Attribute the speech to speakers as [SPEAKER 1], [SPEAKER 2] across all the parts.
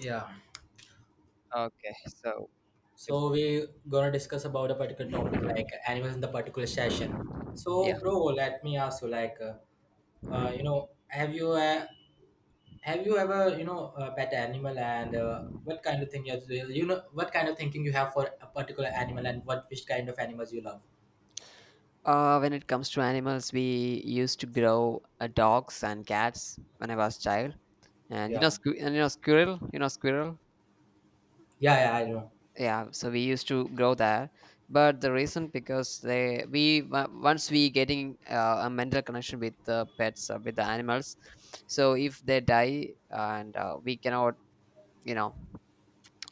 [SPEAKER 1] Yeah,
[SPEAKER 2] Okay, so
[SPEAKER 1] so
[SPEAKER 2] it's-
[SPEAKER 1] we gonna discuss about a particular topic like animals in the particular session. So,
[SPEAKER 2] yeah.
[SPEAKER 1] bro, let me ask you, like, you know, have you ever, you know, pet animal and what kind of thing you have to, you know, what kind of thinking you have for a particular animal and what which kind of animals you love?
[SPEAKER 2] When it comes to animals, we used to grow dogs and cats when I was child, and
[SPEAKER 1] Yeah,
[SPEAKER 2] squirrel, squirrel.
[SPEAKER 1] yeah, yeah, I know.
[SPEAKER 2] Yeah, so we used to grow there, but the reason because once we getting a mental connection with the pets with the animals, so if they die and we cannot, you know,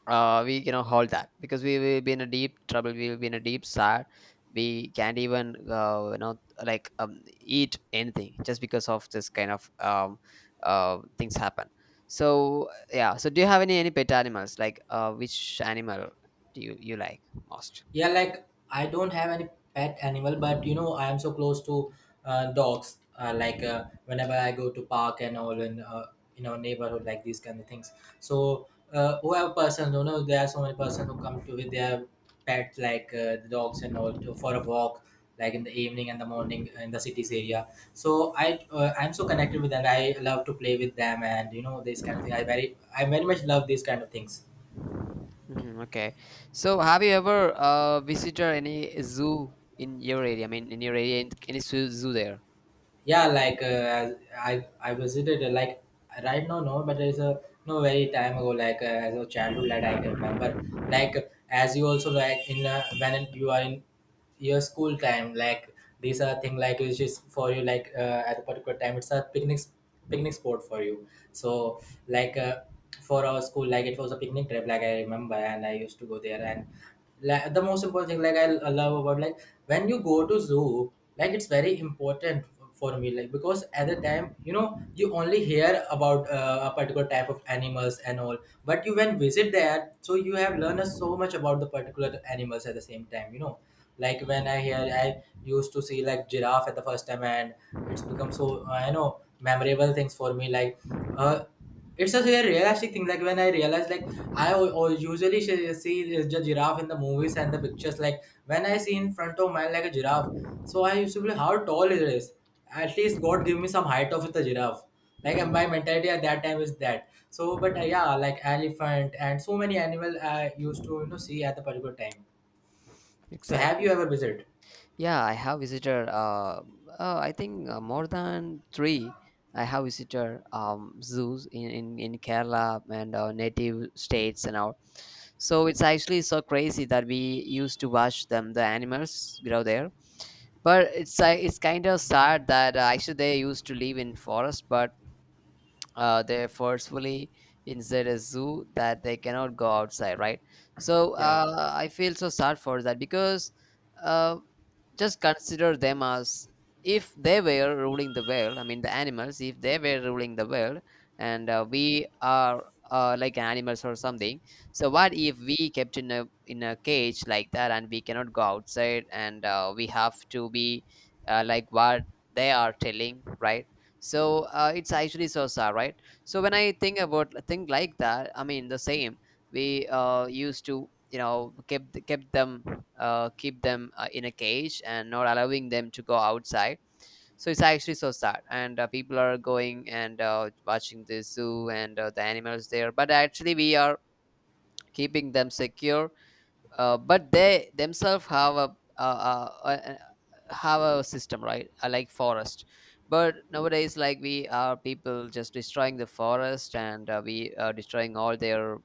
[SPEAKER 2] we cannot hold that because we will be in a deep trouble. We will be in a deep sad. We can't even, like eat anything just because of this kind of things happen. So yeah. So do you have any pet animals? Like, which animal do you like most?
[SPEAKER 1] Yeah, like I don't have any pet animal, but you know, I am so close to dogs. Like whenever I go to park and all in our neighborhood, like these kind of things. So whoever person, you know, there are so many person who come to with their pet, like the dogs and all, to, for a walk, like in the evening and the morning in the cities area. So I'm so connected with them. I love to play with them, and you know, this kind of thing. I very much love these kind of things.
[SPEAKER 2] Hmm, okay. So have you ever visited any zoo in your area? I mean, in your area, any zoo there?
[SPEAKER 1] Yeah, like I visited like right now no, but there's a no very time ago, like as a childhood that I can remember, like as you also, like in when you are in your school time, like these are thing like which is for you, like at a particular time it's a picnic spot for you. So like for our school, like it was a picnic trip, like I remember and I used to go there. And like the most important thing, like I love about, like when you go to zoo, like it's very important for me, like because at the time, you know, you only hear about a particular type of animals and all, but you when visit there, so you have learned so much about the particular animals. At the same time, you know, like when I hear, I used to see like giraffe at the first time, and it's become so you know, memorable things for me. Like, uh, it's a very realistic thing. Like when I realize, like I see the giraffe in the movies and the pictures. Like when I see in front of mine like a giraffe, so I used to be like, how tall it is. At least God give me some height of the giraffe. Like, and my
[SPEAKER 2] Hmm.
[SPEAKER 1] mentality at that time is that. So, but yeah, like elephant and so many animal I used to, you know, see at the particular time. So, have you
[SPEAKER 2] Exactly.
[SPEAKER 1] ever visited?
[SPEAKER 2] Yeah, I have visited. I think more than three. I have visited zoos in Kerala and native states and all. So it's actually so crazy that we used to watch them, the animals grow there. But it's kind of sad that actually they used to live in forest, but they're forcefully inside a zoo that they cannot go outside, right? So
[SPEAKER 1] yeah
[SPEAKER 2] I feel so sad for that because uh, just consider them as if they were ruling the world. I mean, the animals, if they were ruling the world, and we are like animals or something. So what if we kept in a cage like that and we cannot go outside and we have to be like what they are telling, right? So it's actually so sad, right? So when I think like that, I mean, the same we used to, you know, kept kept them keep them in a cage and not allowing them to go outside. So it's actually so sad, and people are going and watching the zoo and the animals there, but actually we are keeping them secure, but they themselves have a have a system, right? Like forest. But nowadays, like, we are people just destroying the forest, and we are destroying all their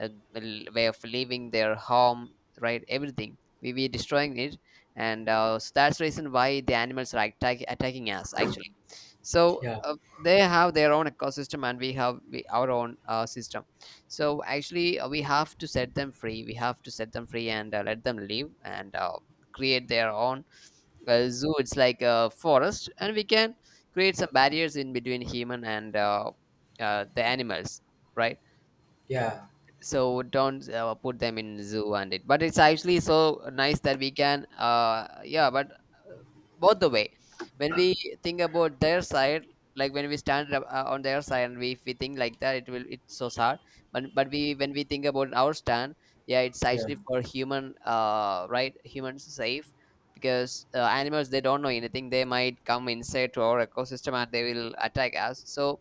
[SPEAKER 2] uh, way of living, their home, right? Everything we destroying it. And so that's the reason why the animals are attacking us actually. So
[SPEAKER 1] yeah
[SPEAKER 2] they have their own ecosystem, and we have our own system. So actually we have to set them free. We have to set them free, and let them live, and create their own zoo. It's like a forest, and we can create some barriers in between human and the animals, right?
[SPEAKER 1] yeah
[SPEAKER 2] So don't put them in zoo. And it, but it's actually so nice that we can, uh, yeah. But uh, both the way, when we think about their side, like when we stand up, on their side, and we, if we think like that, it will, it's so sad. But we, when we think about our stand, yeah, it's
[SPEAKER 1] yeah.
[SPEAKER 2] actually for human, uh, right, humans safe. Because animals, they don't know anything. They might come inside to our ecosystem and they will attack us. So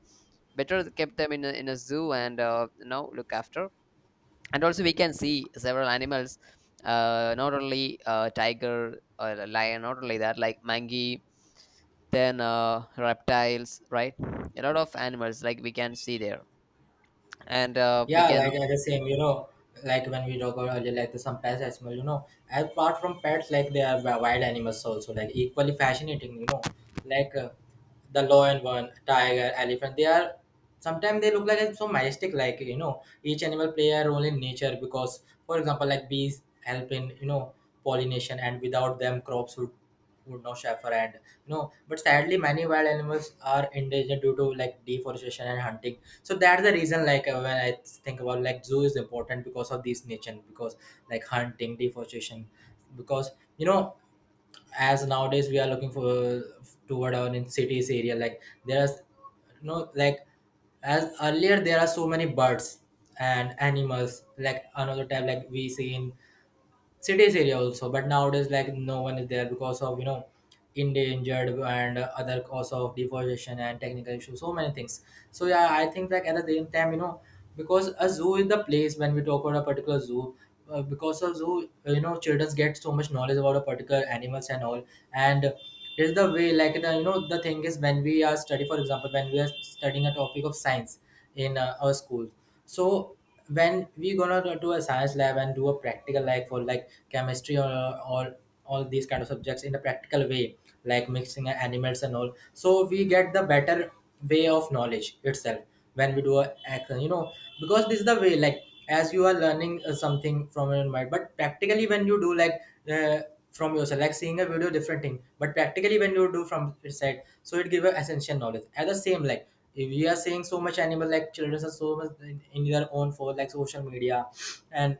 [SPEAKER 2] better keep them in a zoo, and you know, look after. And also we can see several animals, not only tiger or a lion, not only that, like monkey, then reptiles, right? A lot of animals like we can see there. And we
[SPEAKER 1] Yeah,
[SPEAKER 2] can,
[SPEAKER 1] like I the same, you know, like when we talk about earlier, like the some pets as well, you know, apart from pets, like they are wild animals also, like equally fascinating, you know, like the lion one, tiger, elephant, they are sometimes they look like it's so majestic, like you know, each animal play a role in nature because, for example, like bees help in, you know, pollination, and without them, crops would not suffer. And you know, but sadly, many wild animals are endangered due to like deforestation and hunting. So that's the reason, like when I think about like zoo is important because of this nature, because like hunting, deforestation, because, you know, as nowadays we are looking for toward our in cities area, like there's, you know, like, as earlier there are so many birds and animals, like another type, like we see in cities area also, but nowadays like no one is there because of, you know, endangered and other cause of deforestation and technical issues, so many things. So yeah, I think like at the same time, you know, because a zoo is the place, when we talk about a particular zoo, because of zoo you know, children get so much knowledge about a particular animals and all. And is the way like the, you know, the thing is, when we are study, for example, when we are studying a topic of science in our school. So when we gonna do a science lab and do a practical, like for like chemistry or or all these kind of subjects in a practical way, like mixing animals and all, so we get the better way of knowledge itself when we do a action, you know, because this is the way, like as you are learning something from your mind, but practically when you do, like uh, from yourself, like seeing a video different thing, but practically when you do from your side, so it give a essential knowledge at the same. Like, if we are seeing so much animal, like children are so much in their own for like social media and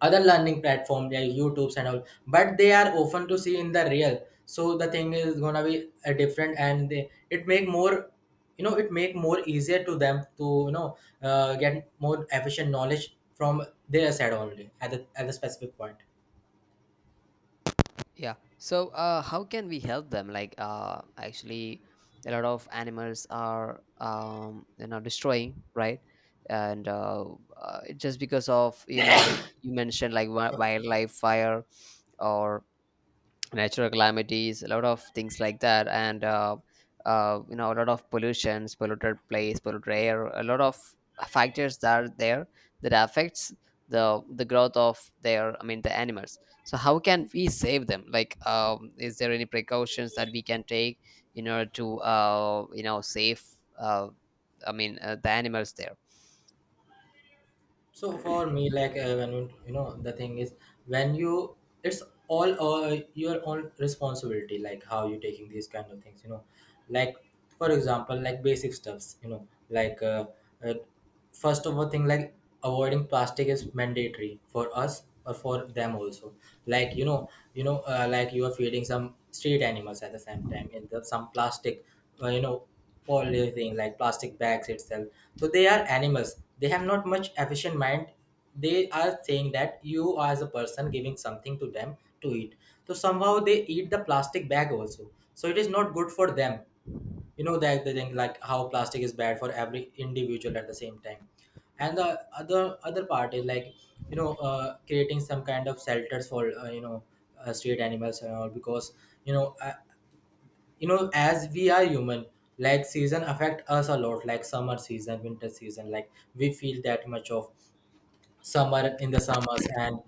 [SPEAKER 1] other learning platform like youtubes and all, but they are often to see in the real. So the thing is gonna be different, and they it make more, you know, it make more easier to them to, you know, get more efficient knowledge from their side only at at the specific point.
[SPEAKER 2] yeah. So how can we help them? Like, actually a lot of animals are, you know, destroying, right? And just because of, you know, you mentioned like wildlife fire or natural calamities, a lot of things like that, and you know, a lot of pollutions, polluted place, polluted air, a lot of factors that are there that affects the growth of their, I mean, the animals. So how can we save them? Like, is there any precautions that we can take in order to, you know, save, uh, I mean, the animals there?
[SPEAKER 1] So for me, like when you know, the thing is, when you, it's all your own responsibility, like how you taking these kind of things, you know, like for example, like basic stuffs, you know, like uh, first of all thing, like avoiding plastic is mandatory for us or for them also, like you know, like you are feeding some street animals at the same time in the some plastic, you know, for living, like plastic bags itself. So they are animals, they have not much efficient mind, they are saying that you as a person giving something to them to eat, so somehow they eat the plastic bag also, so it is not good for them. You know that the thing like how plastic is bad for every individual at the same time. And the other part is like, you know, creating some kind of shelters for, you know, street animals and all, because you know, as we are human, like season affect us a lot, like summer season, winter season, like we feel that much of summer in the summers, and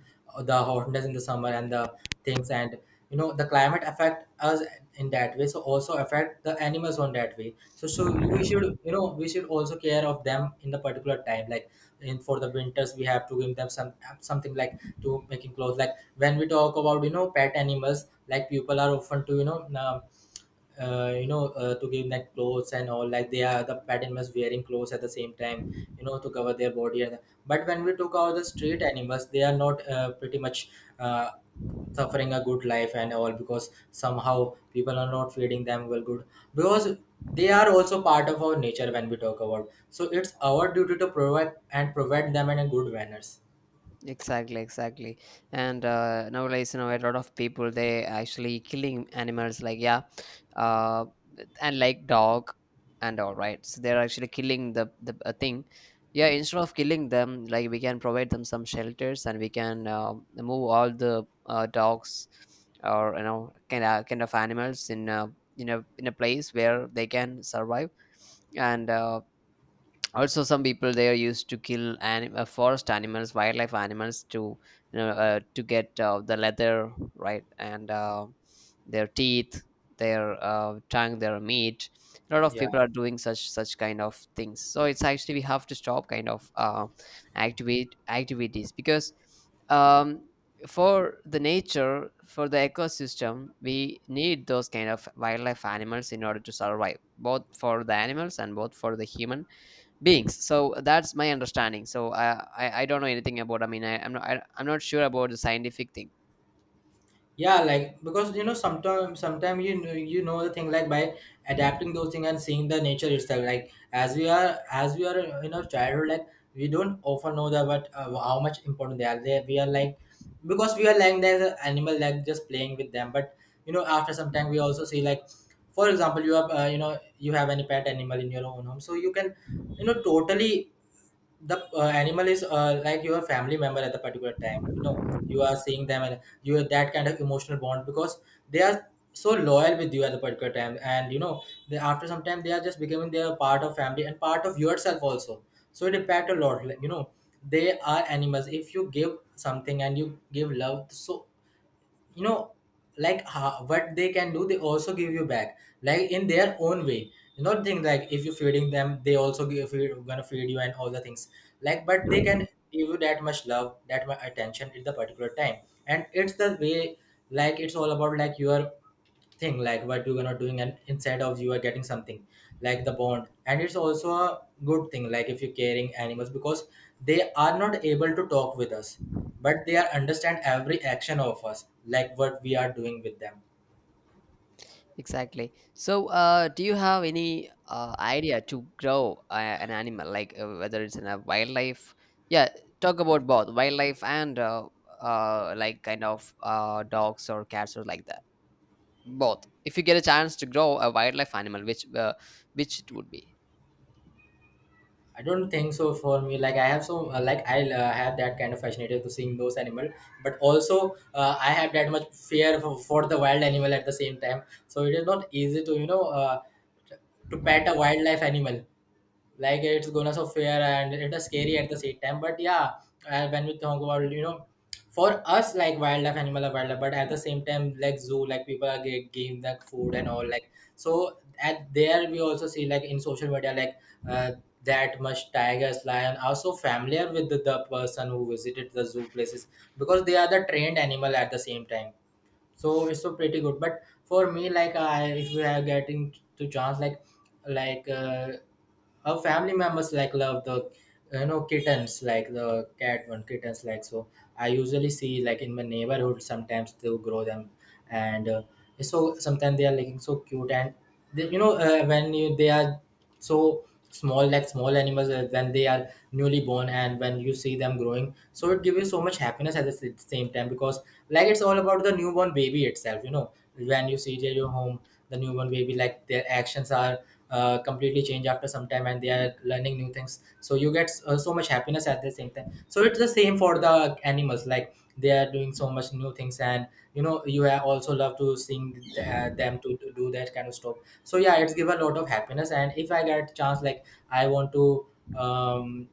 [SPEAKER 1] the hotness in the summer and the things. And you know, the climate affect us in that way, so also affect the animals on that way. So we should, you know, we should also care of them in the particular time, like in for the winters we have to give them some something, like to making clothes. Like when we talk about, you know, pet animals, like people are often to, you know, you know, to give them clothes and all, like they are the pet animals wearing clothes at the same time, you know, to cover their body. But when we took out the street animals, they are not pretty much uh, suffering a good life and all, because somehow people are not feeding them well good, because they are also part of our nature when we talk about. So it's our duty to provide and provide them in a good manners.
[SPEAKER 2] Exactly, exactly. And nowadays, you know, a lot of people, they actually killing animals like, yeah, uh, and like dog and all, right? So they're actually killing the thing. Yeah, instead of killing them, like, we can provide them some shelters, and we can move all the dogs or, you know, kind of animals in a place where they can survive. And also some people there used to kill forest animals, wildlife animals, to, you know, to get the leather, right? And their teeth, their tongue, their meat. A lot of
[SPEAKER 1] Yeah,
[SPEAKER 2] people are doing such kind of things. So it's actually we have to stop kind of, activate activities, because, um, for the nature, for the ecosystem, we need those kind of wildlife animals in order to survive, both for the animals and both for the human beings. So that's my understanding. So I don't know anything about, I mean, I'm not sure about the scientific thing.
[SPEAKER 1] yeah, like because you know, sometimes you know, the thing, like by adapting those things and seeing the nature itself, like as we are in our childhood, like we don't often know that what how much important they are, they we are, like because we are like the animal, like just playing with them. But you know, after some time we also see, like, for example, you have you know, you have any pet animal in your own home, so you can, you know, totally the animal is like your family member at the particular time, you know, you are seeing them, you have that kind of emotional bond because they are so loyal with you at the particular time. And you know, they, after some time they are just becoming their part of family and part of yourself also. So it impact a lot, like, you know, they are animals, if you give something and you give love, so you know, like ha what they can do, they also give you back, like in their own way. You not think like if you're feeding them they also give you gonna feed you and all the things, like but they can give you that much love, that much attention at the particular time. And it's the way, like it's all about like your thing, like what you're not doing, and instead of you are getting something, like the bond. And it's also a good thing like if you're caring animals, because they are not able to talk with us, but they are understand every action of us, like what we are doing with them.
[SPEAKER 2] Exactly. So uh, do you have any idea to grow an animal, like, whether it's in a wildlife, yeah, talk about both wildlife and, uh, like kind of, uh, dogs or cats or like that, both? If you get a chance to grow a wildlife animal, which it would be?
[SPEAKER 1] I don't think so. For me, like I have so like I have that kind of fascination to seeing those animal, but also I have that much fear for the wild animal at the same time. So it is not easy to, you know, to pet a wildlife animal, like it's gonna so fair and it is scary at the same time. But yeah, when we talk about, you know, for us, like wildlife animal are wildlife, but at the same time like zoo, like people are get game like food and all, like so at there we also see like in social media, like uh, that much tigers lion are so familiar with the person who visited the zoo places, because they are the trained animal at the same time. So it's so pretty good. But for me, like I, if we are getting to chance, like like uh, our family members like love the, you know, kittens, like the cat one kittens. Like so I usually see like in my neighborhood sometimes they grow them, and so sometimes they are looking so cute. And they, you know, when you they are so small, like small animals, when they are newly born, and when you see them growing, so it gives you so much happiness at the same time, because like it's all about the newborn baby itself, you know, when you see at your home, the newborn baby, like their actions are completely changed after some time, and they are learning new things, so you get so much happiness at the same time. So it's the same for the animals, like they are doing so much new things. And you know, you have also love to seeing them to do that kind of stuff. So yeah, it's give a lot of happiness. And if I get chance, like I want to um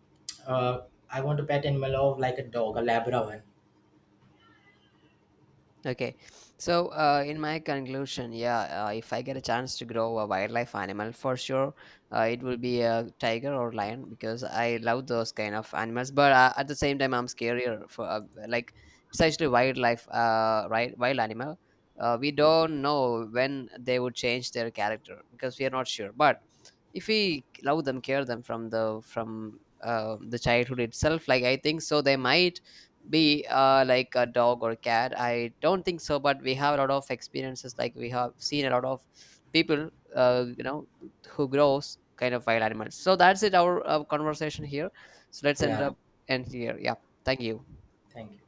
[SPEAKER 1] uh, I want to pet animal of like a dog, a labrador one.
[SPEAKER 2] Okay, so in my conclusion, yeah, if I get a chance to grow a wildlife animal, for sure, it will be a tiger or lion because I love those kind of animals. But at the same time, I'm scarier for, like, it's actually wildlife, right? Wild animal. We don't know when they would change their character because we are not sure. But if we love them, care them from the childhood itself, like, I think so, they might be like a dog or a cat. I don't think so, but we have a lot of experiences, like we have seen a lot of people, you know, who grows kind of wild animals. So that's it, our conversation here. So let's end
[SPEAKER 1] Yeah,
[SPEAKER 2] up, end here. Yeah, thank you.
[SPEAKER 1] thank you.